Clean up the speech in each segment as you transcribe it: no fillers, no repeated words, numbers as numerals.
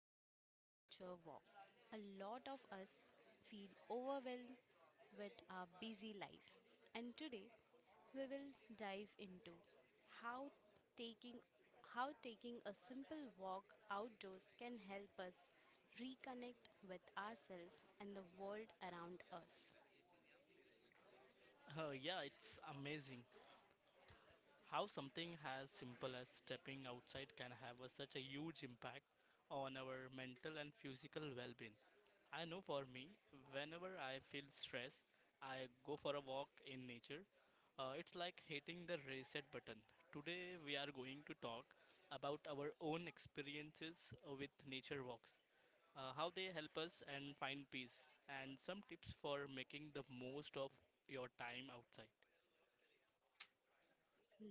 peace in nature walk. A lot of us feel overwhelmed with our busy life, and today we will dive into how taking how taking a simple walk outdoors can help us reconnect with ourselves and the world around us. Yeah, it's amazing how something as simple as stepping outside can have such a huge impact on our mental and physical well being. I know for me, whenever I feel stress, I go for a walk in nature. It's like hitting the reset button. Today, we are going to talk about our own experiences with nature walks, how they help us and find peace, and some tips for making the most of your time outside.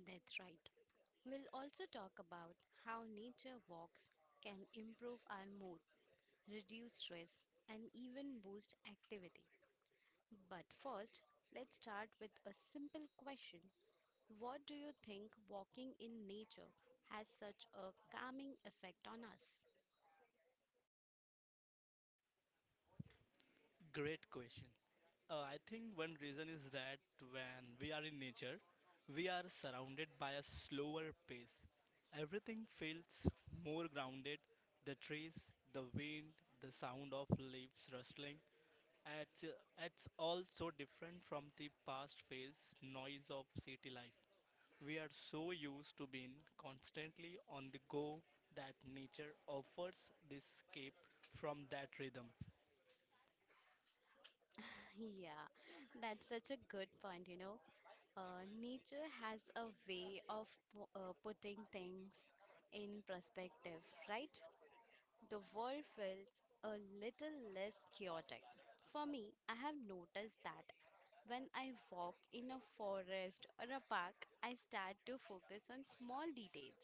That's right. We'll also talk about how nature walks can improve our mood, reduce stress, and even boost activity. But first, let's start with a simple question: What do you think walking in nature has such a calming effect on us? Great question. I think one reason is that when we are in nature, we are surrounded by a slower pace. Everything feels more grounded the trees, the wind, the sound of leaves rustling. It's, uh, it's all so different from the past phase noise of city life. We are so used to being constantly on the go that nature offers this escape from that rhythm. Yeah, that's such a good point. Nature has a way of putting things in perspective, right? The world feels a little less chaotic. For me, I have noticed that when I walk in a forest or a park, I start to focus on small details.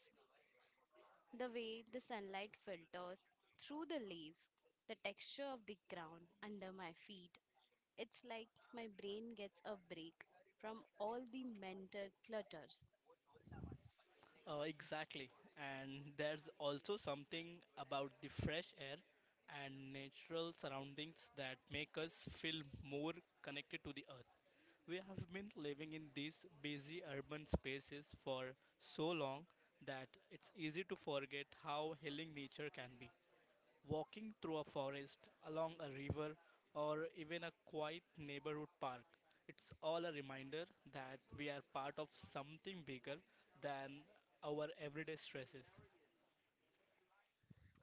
The way the sunlight filters through the leaves, the texture of the ground under my feet. It's like my brain gets a break from all the mental clutters. Exactly. And there's also something about the fresh air and natural surroundings that make us feel more connected to the earth. We have been living in these busy urban spaces for so long that it's easy to forget how healing nature can be. Walking through a forest, along a river, or even a quiet neighborhood park, it's all a reminder that we are part of something bigger than our everyday stresses.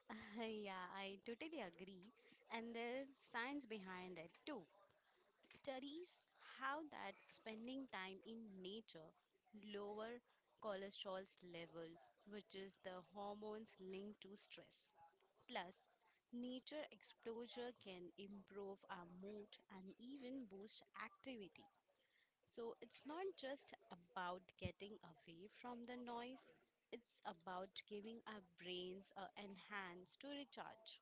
Yeah, I totally agree. And there's science behind it too. Studies how that spending time in nature lower cholesterol level, which is the hormones linked to stress. Plus, nature exposure can improve our mood and even boost activity. So it's not just about getting away from the noise, it's about giving our brains a enhance to recharge.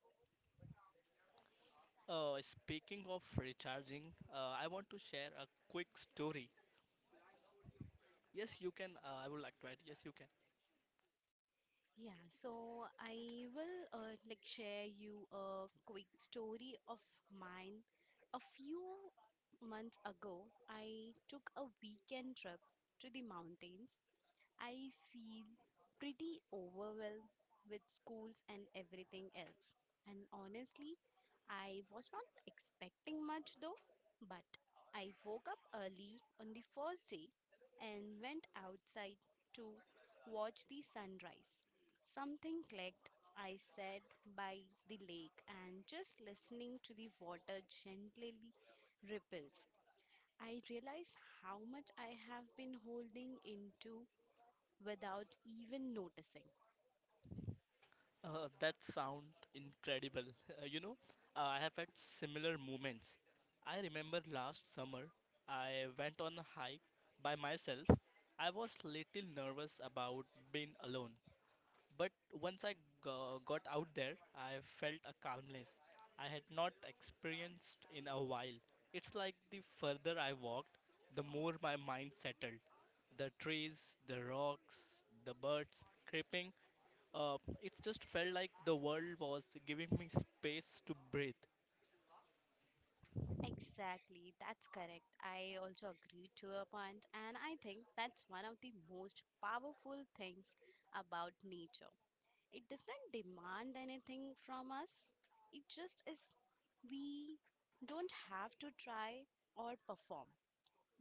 Speaking of recharging, I want to share a quick story. Yes, you can. I would like to add. Yes, you can. Yeah, so I will like share you a quick story of mine. A few months ago, I took a weekend trip to the mountains. I feel pretty overwhelmed with schools and everything else. And honestly, I was not expecting much though, but I woke up early on the first day and went outside to watch the sunrise. Something clicked. I sat by the lake and just listening to the water gently ripples. I realized how much I have been holding into without even noticing. That sound incredible. I have had similar moments. I remember last summer, I went on a hike by myself. I was little nervous about being alone, but once I got out there, I felt a calmness I had not experienced in a while. It's like the further I walked, the more my mind settled. The trees, the rocks, the birds creeping. It just felt like the world was giving me space to breathe. Exactly, that's correct. I also agree to your point, and I think that's one of the most powerful things about nature. It doesn't demand anything from us, it just is. We don't have to try or perform,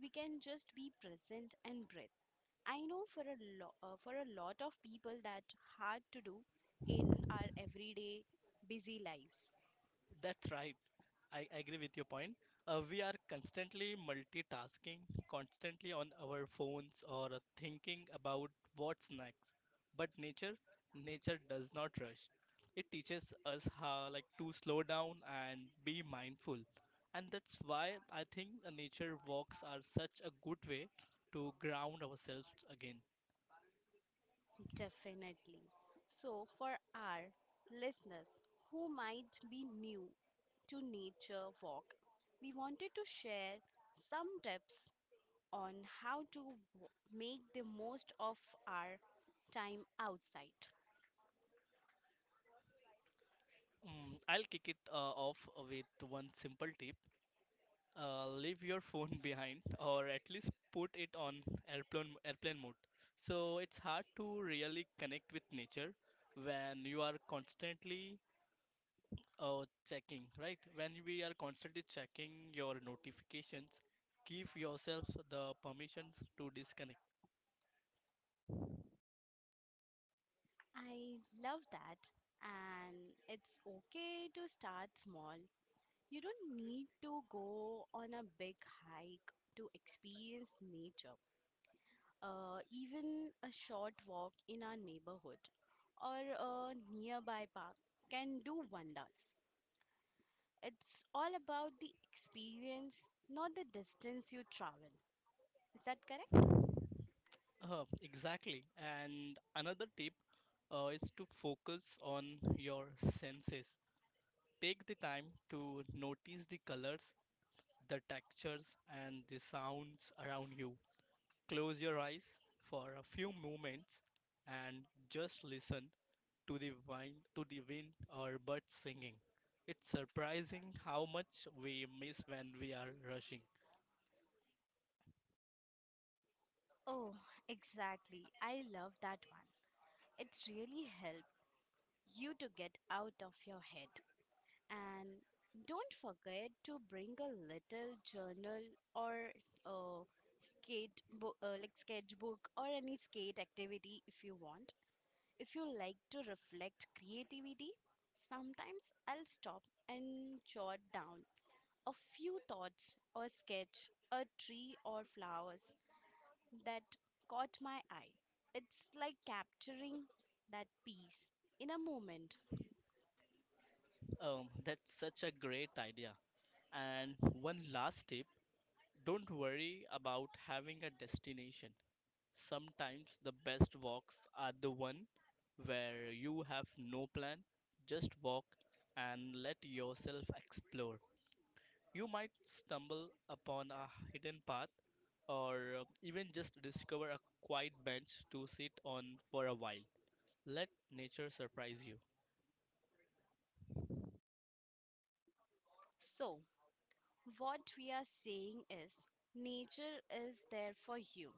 we can just be present and breathe. I know for a lot of people that's hard to do in our everyday busy lives. That's right. I agree with your point. We are constantly multitasking, constantly on our phones or thinking about what's next. But nature, does not rush. It teaches us how like to slow down and be mindful. And that's why I think the nature walks are such a good way to ground ourselves again. Definitely. So, for our listeners who might be new to nature walk, we wanted to share some tips on how to make the most of our time outside. I'll kick it off with one simple tip. Leave your phone behind or at least put it on airplane mode so it's hard to really connect with nature when you are constantly checking right when we are constantly checking your notifications give yourself the permissions to disconnect I love that, and it's okay to start small. You don't need to go on a big hike to experience nature. Even a short walk in our neighborhood or a nearby park can do wonders. It's all about the experience, not the distance you travel. Is that correct? uh, exactly and another tip is to focus on your senses take the time to notice the colors the textures and the sounds around you. Close your eyes for a few moments and just listen to the wind or birds singing. It's surprising how much we miss when we are rushing. Oh, exactly. I love that one. It's really help you to get out of your head. And don't forget to bring a little journal or a skate bo- like sketchbook or any skate activity if you want. If you like to reflect creativity, sometimes I'll stop and jot down a few thoughts or sketch a tree or flowers that caught my eye. It's like capturing that piece in a moment. That's such a great idea. And one last tip don't worry about having a destination. Sometimes the best walks are the one where you have no plan, just walk and let yourself explore. You might stumble upon a hidden path or even just discover a quiet bench to sit on for a while. Let nature surprise you. So, what we are saying is nature is there for you,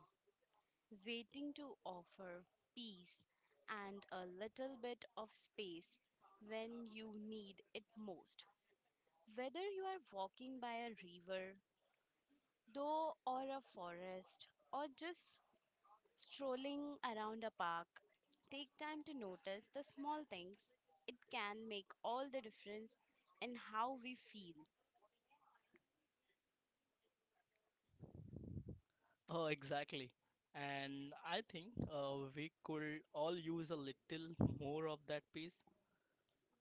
waiting to offer peace and a little bit of space when you need it most. Whether you are walking by a river, though, or a forest, or just strolling around a park, take time to notice the small things. It can make all the difference in how we feel. Oh, exactly. And I think we could all use a little more of that peace.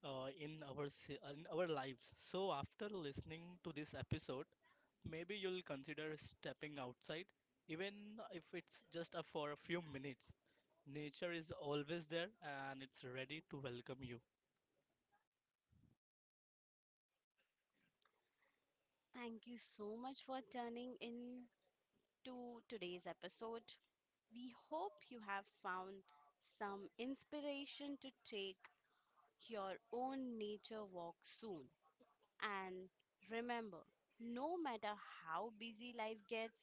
In our lives. So after listening to this episode, maybe you'll consider stepping outside, even if it's just for a few minutes. Nature is always there and it's ready to welcome you. Thank you so much for tuning in to today's episode. We hope you have found some inspiration to take your own nature walk soon. And remember, no matter how busy life gets,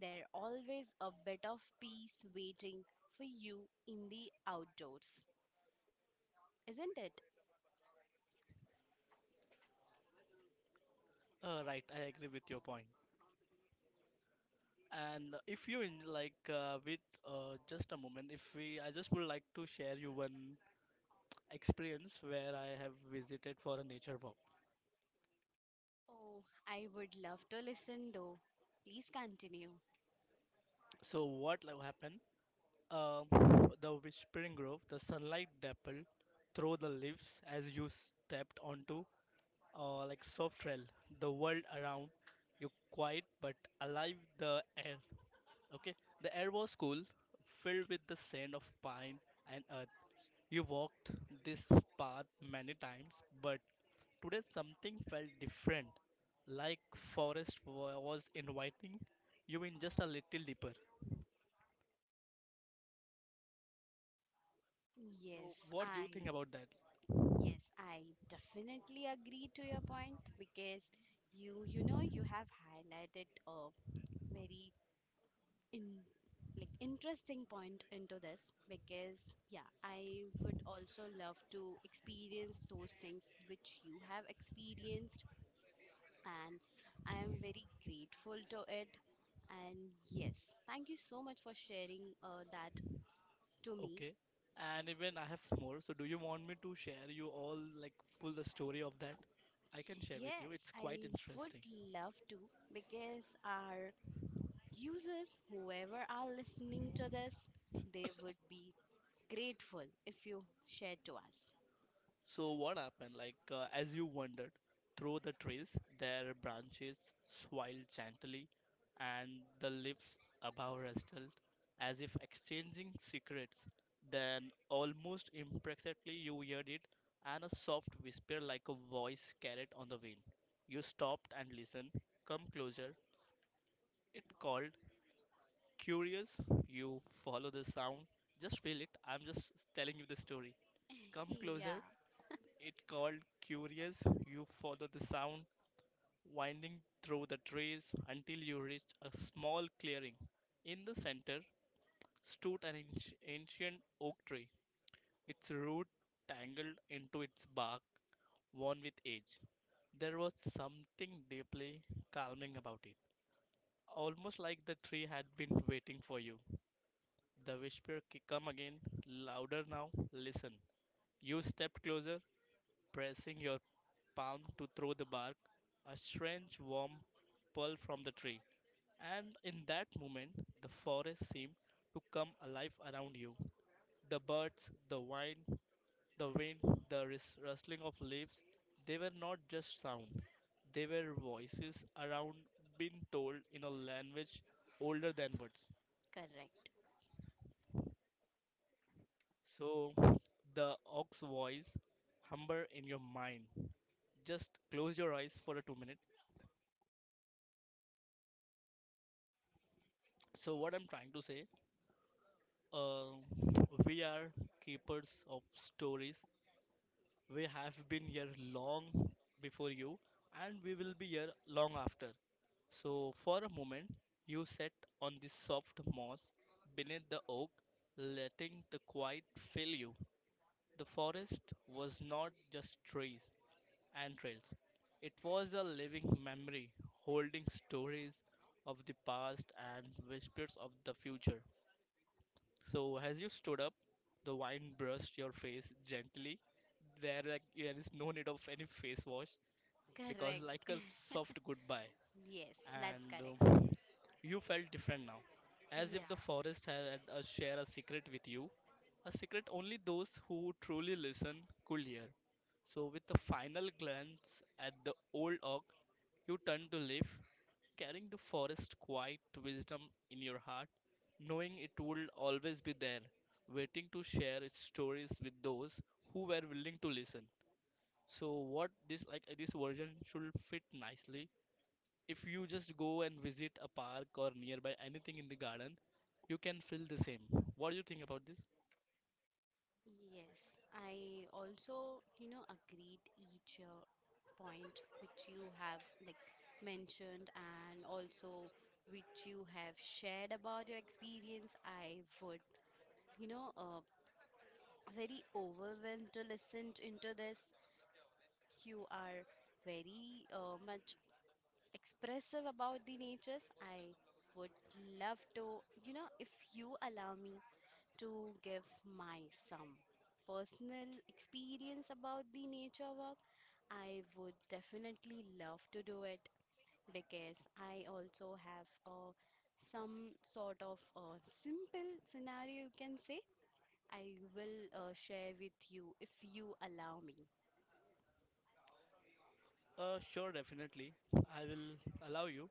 there's always a bit of peace waiting for you in the outdoors, isn't it? Right, I agree with your point. And if you in, like with just a moment, if we, I just would like to share you one experience where I have visited for a nature walk. Oh, I would love to listen though. Please continue. So what like, happened? Um, the whispering grove, the sunlight dappled through the leaves as you stepped onto like soft trail. The world around you quiet but alive. Okay, the air was cool, filled with the scent of pine and earth. You walked this path many times, but today something felt different. Like forest was inviting you in just a little deeper. So, Yes, what do you think I about that? yes, I definitely agree to your point because you have highlighted a very in like interesting point into this, because yeah, I would also love to experience those things which you have experienced, and I am very grateful to it. And yes, thank you so much for sharing that to me. Okay. And even I have more. So do you want me to share you all like full the story of that? I can share with you. Yes, It's I quite interesting. would love to, because our users, whoever are listening to this, they would be grateful if you share to us. So what happened? Like as you wandered through the trees, their branches swayed gently, and the leaves above rustled, as if exchanging secrets. Then almost imperceptibly you heard it, and a soft whisper like a voice carried on the wind. You stopped and listened. Come closer, it called curious, you follow the sound, just feel it. I'm just telling you the story. Come closer. Yeah. It called curious. You follow the sound, winding through the trees until you reach a small clearing. In the center stood an ancient oak tree, its root tangled into its bark, worn with age. There was something deeply calming about it, almost like the tree had been waiting for you. The whisper come again, louder now. Listen. You stepped closer, pressing your palm to throw the bark, a strange warm pull from the tree. And in that moment, the forest seemed to come alive around you. The birds, the wind, the rustling of leaves, they were not just sound. They were voices around being told in a language older than words. Correct. So the ox voice humber in your mind. Just close your eyes for a 2 minute. So what I'm trying to say, uh, we are keepers of stories. We have been here long before you, and we will be here long after. So for a moment, you sat on the soft moss beneath the oak, letting the quiet fill you. The forest was not just trees and trails, it was a living memory holding stories of the past and whispers of the future. So, as you stood up, the wind brushed your face gently. There, there is no need of any face wash because, Correct. like a soft goodbye, Yes, that's and correct. You felt different now, as Yeah. if the forest had a share a secret with you, a secret only those who truly listen could hear. So, with a final glance at the old oak, you turned to leave, carrying the forest quiet wisdom in your heart, knowing it would always be there, waiting to share its stories with those who were willing to listen. So, what this this version should fit nicely if you just go and visit a park or nearby anything in the garden you can feel the same what do you think about this Yes. I also, agreed each point which you have like mentioned, and also which you have shared about your experience. I would, you know, uh, very overwhelmed to listen to, into this. You are very much expressive about the natures. I would love to, if you allow me to give my some personal experience about the nature walk, I would definitely love to do it, because I also have a some sort of a simple scenario you can say. I will share with you if you allow me. Sure, definitely. I will allow you.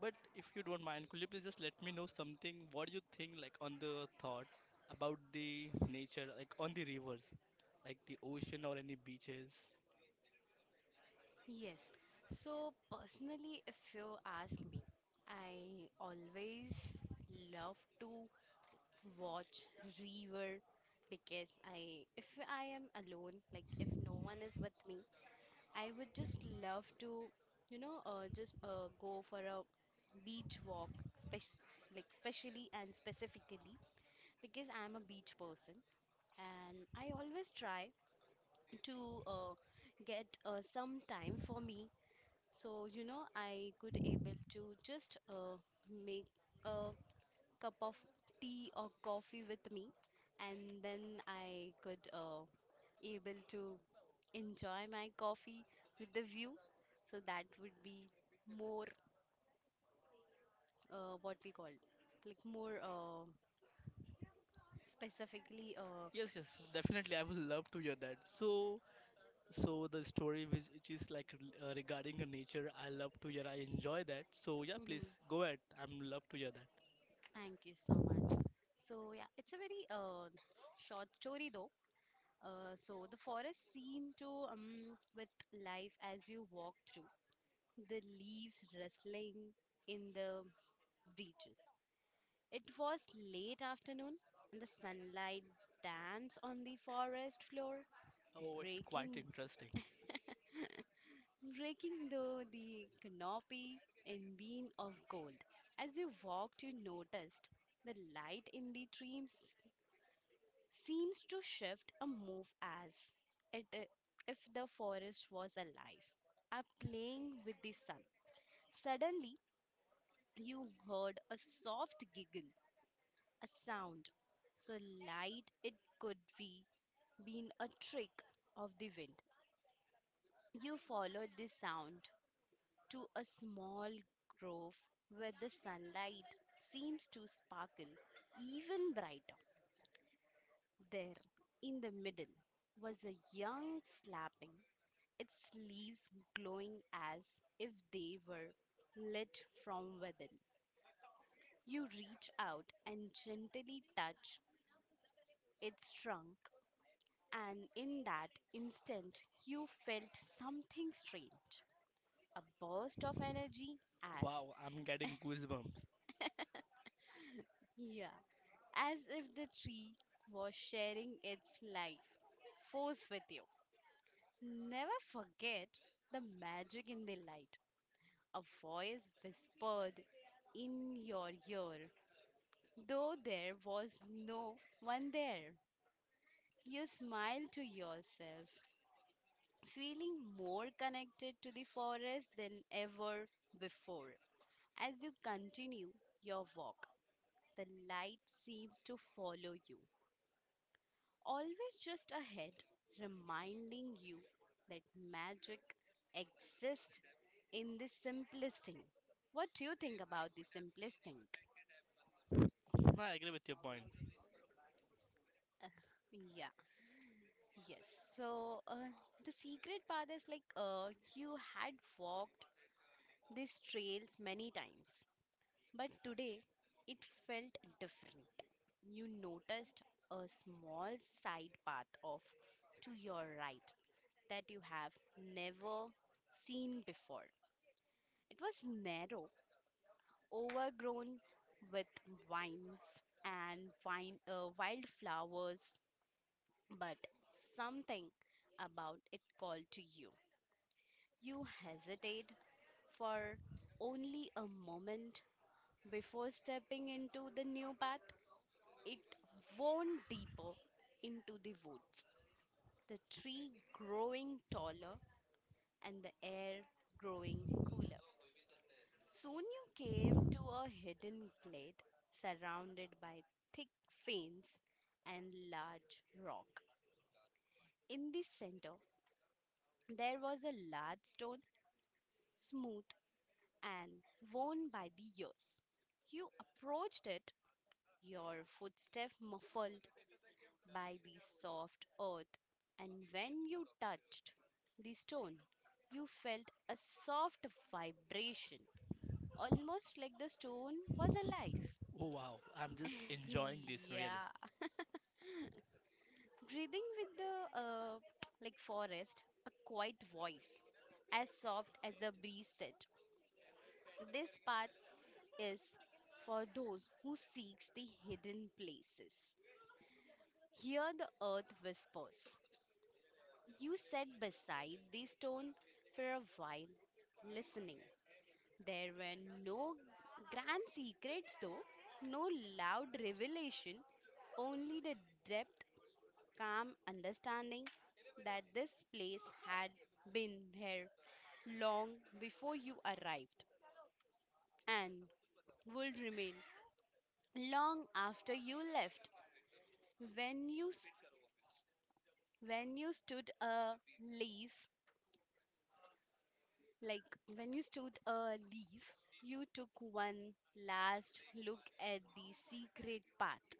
But if you don't mind, could you please just let me know something? What do you think, like, on the thought about the nature, like, on the rivers, like the ocean or any beaches? Yes. So, personally, if you ask me, I always love to watch river because if I am alone, like if no one is with me, I would just love to, just go for a beach walk, spec- like specially and specifically, because I am a beach person, and I always try to get some time for me, so I could able to just make a cup of tea or coffee with me, and then I could able to enjoy my coffee with the view, so that would be more, what we call, like more, specifically, Yes, yes, definitely, I would love to hear that so so the story which is like regarding the nature, I love to hear. I enjoy that. So yeah, please mhm. go ahead. I'm love to hear that. Thank you so much. So yeah, it's a very short story though. So the forest seemed to, with life as you walked through, the leaves rustling in the breaches. It was late afternoon, and the sunlight danced on the forest floor, Oh, it's breaking quite interesting. breaking though the canopy in beam of gold. As you walked, you noticed the light in the trees seems to shift a move as if the forest was alive are playing with the sun. Suddenly, you heard a soft giggle, a sound so light it could be been a trick of the wind. You followed the sound to a small grove where the sunlight seems to sparkle even brighter. There in the middle was a young slapping its leaves, glowing as if they were lit from within. You reach out and gently touch its trunk, and in that instant, you felt something strange, a burst of energy, as, Wow, I'm getting goosebumps. yeah, as if the tree was sharing its life force with you. "Never forget the magic in the light," a voice whispered in your ear. Though there was no one there, you smile to yourself, feeling more connected to the forest than ever before. As you continue your walk, the light seems to follow you, always just ahead, reminding you that magic exists in the simplest thing. What do you think about the simplest thing? I agree with your point. Yeah. Yes. So the secret path is like, you had walked these trails many times, but today it felt different. You noticed a small side path off to your right that you have never seen before. It was narrow, overgrown with vines and wildflowers, but something about it called to you. You hesitate for only a moment before stepping into the new path. It wound deeper into the woods, the tree growing taller and the air growing cooler. Soon you came to a hidden glade surrounded by thick ferns and large rock. In the center, there was a large stone, smooth and worn by the years. You approached it, your footstep muffled by the soft earth, and when you touched the stone, you felt a soft vibration, almost like the stone was alive. Oh, wow, I'm just enjoying this really. Yeah. Breathing with the like forest, a quiet voice, as soft as the breeze said. "This path is for those who seeks the hidden places. Here the earth whispers." You sat beside the stone for a while, listening. There were no grand secrets, though, no loud revelation, only the depth, calm understanding that this place had been here long before you arrived and would remain long after you left. When when you stood a leaf, like when you stood a leaf, you took one last look at the secret path,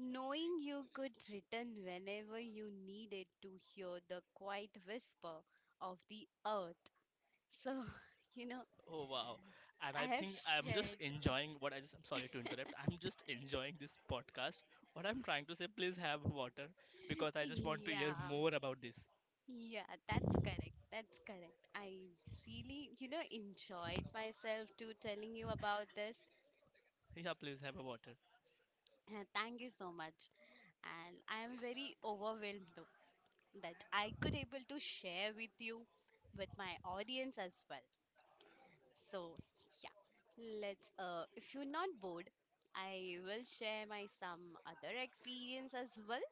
knowing you could return whenever you needed to hear the quiet whisper of the earth. So, you know, Oh, wow. And I I have think I'm just shared. enjoying what I just, I'm sorry to interrupt. I'm just enjoying this podcast. What I'm trying to say, please have water because I just want to hear Yeah, more about this. yeah, that's correct. That's correct. I really, enjoyed myself too telling you about this. Yeah, please have a water. Thank you so much. And I am very overwhelmed though that I could able to share with you with my audience as well. So yeah, let's if you're not bored, I will share my some other experience as well.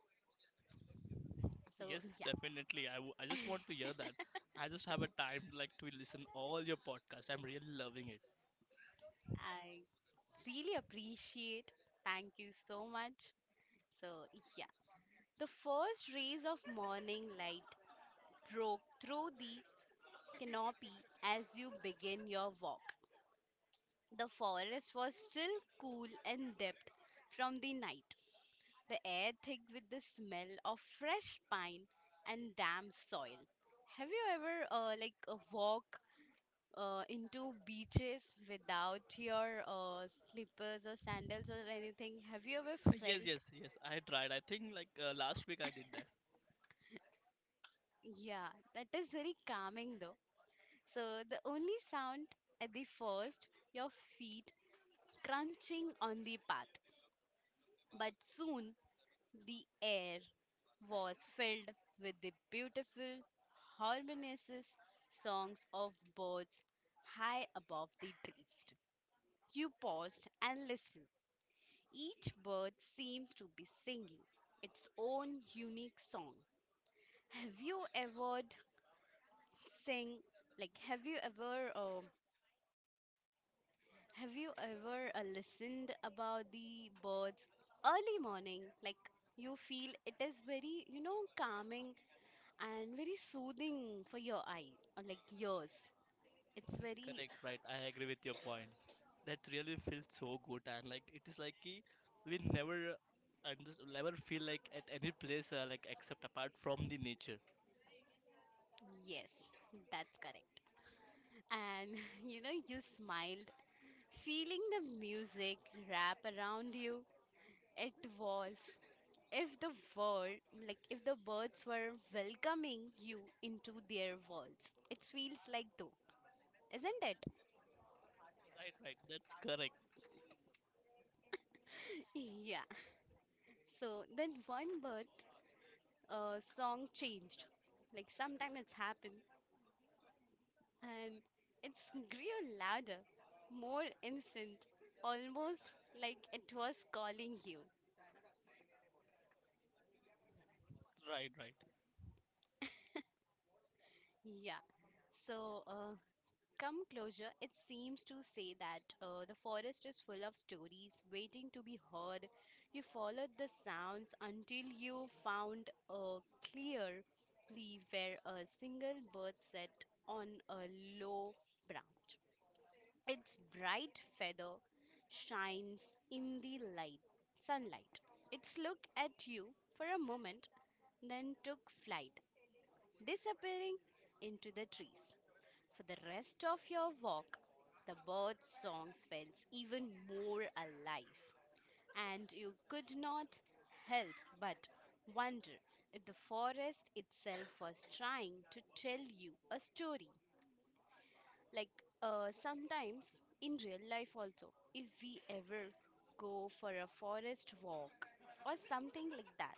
Yes, So yes, yeah, definitely. I just want to hear that. I just have a time like to listen all your podcast. I'm really loving it. I really appreciate. Thank you so much. So yeah, the first rays of morning light broke through the canopy as you begin your walk. The forest was still cool and damp from the night, the air thick with the smell of fresh pine and damp soil. Have you ever walk into beaches without your slippers or sandals or anything? Have you ever Yes, felt? yes, yes. I tried. I think like last week I did that. Yeah, that is very calming though. So the only sound at the first, your feet crunching on the path. But soon the air was filled with the beautiful, harmonious songs of birds high above the trees. You paused and listened. Each bird seems to be singing its own unique song. Have you ever d- Sing, like have you ever listened about the birds early morning, like you feel it is very, you know, calming and very soothing for your eye or like yours. It's very, Correct, right. I agree with your point. That really feels so good, and like it is like ki we never and just never feel like at any place like except apart from the nature. yes, that's correct. And you know, you smiled, feeling the music wrap around you. It was if the world, like if the birds were welcoming you into their worlds. It feels like though, isn't it? Right, right. That's correct. Yeah. So then one bird song changed. Like sometimes it's happened, and it's grew louder, more instant, almost like it was calling you. Right, right. Yeah. So, come closure, it seems to say that the forest is full of stories waiting to be heard. You followed the sounds until you found a clear leaf where a single bird sat on a low branch. Its bright feather shines in the light sunlight. It looked at you for a moment, then took flight, disappearing into the trees. For the rest of your walk, the bird's songs felt even more alive, and you could not help but wonder if the forest itself was trying to tell you a story. Like, sometimes in real life, also, if we ever go for a forest walk or something like that,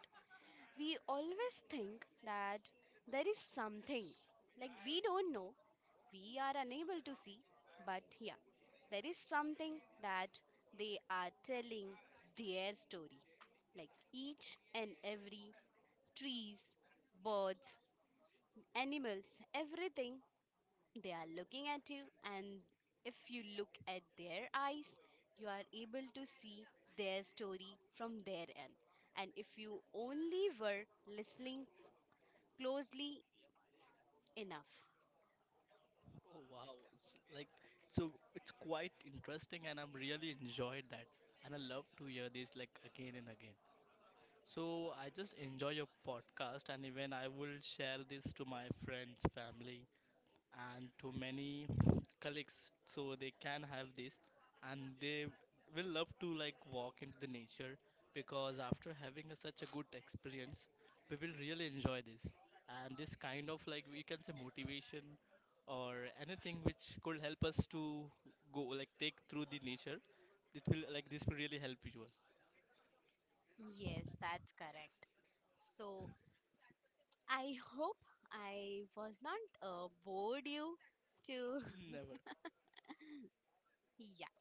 we always think that there is something, like we don't know, we are unable to see, but yeah, there is something that they are telling their story. Like each and every trees, birds, animals, everything, they are looking at you, and if you look at their eyes, you are able to see their story from their end. And if you only were listening closely enough. Oh wow. Like so, it's quite interesting, and I'm really enjoyed that, and I love to hear this like again and again. So I just enjoy your podcast, and even I will share this to my friends, family, and to many colleagues so they can have this and they will love to like walk into the nature because after having such a good experience we will really enjoy this and this kind of like we can say motivation or anything which could help us to go like take through the nature it will like this will really help you us Yes, that's correct. So I hope I was not bored you to never yeah.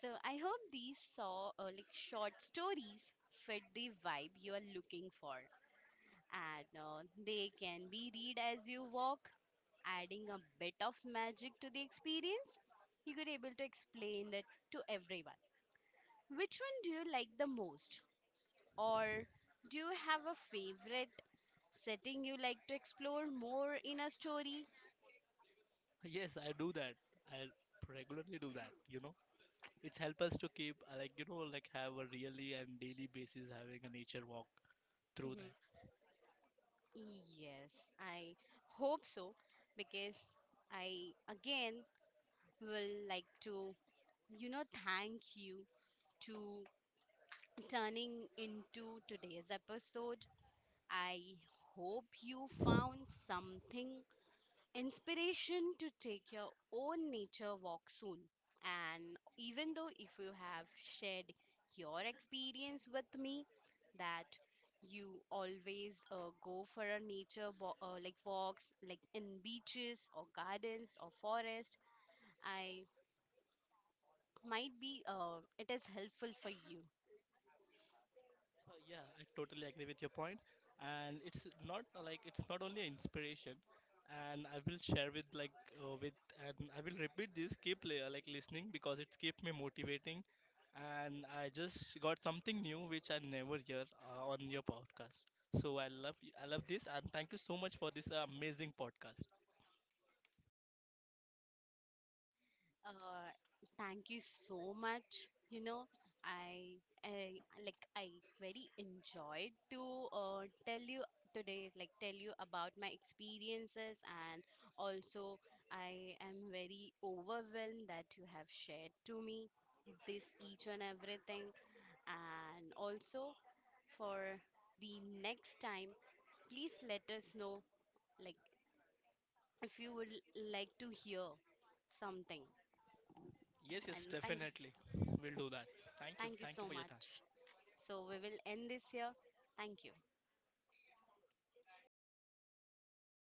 So I hope these saw, like, short stories fit the vibe you are looking for, and they can be read as you walk, adding a bit of magic to the experience. You could able to explain it to everyone. Which one do you like the most? Or do you have a favorite setting you like to explore more in a story? yes I do that I regularly do that you know It's help us to keep like you know like have a really and daily basis having a nature walk through Mhm. that. Yes, I hope so, because I again will like to, you know, thank you to turning into today's episode. I hope you found something inspiration to take your own nature walk soon. And even though if you have shared your experience with me that you always go for a like walks like in beaches or gardens or forest, I might be, it is helpful for you. Yeah, I totally agree with your point, and it's not like it's not only an inspiration, and I will share with uh, with and I will repeat this keep like listening because it's keep me motivating, and I just got something new which I never hear on your podcast. So I love this and thank you so much for this amazing podcast. Uh, thank you so much. You know, I, I very enjoyed to tell you today, like tell you about my experiences, and also I am very overwhelmed that you have shared to me this each and everything, and also for the next time, please let us know, like, if you would like to hear something. Yes, And yes, thank you so. definitely. We'll do that. Thank you. Thank you Thank you so for your time. much. So we will end this here. Thank you.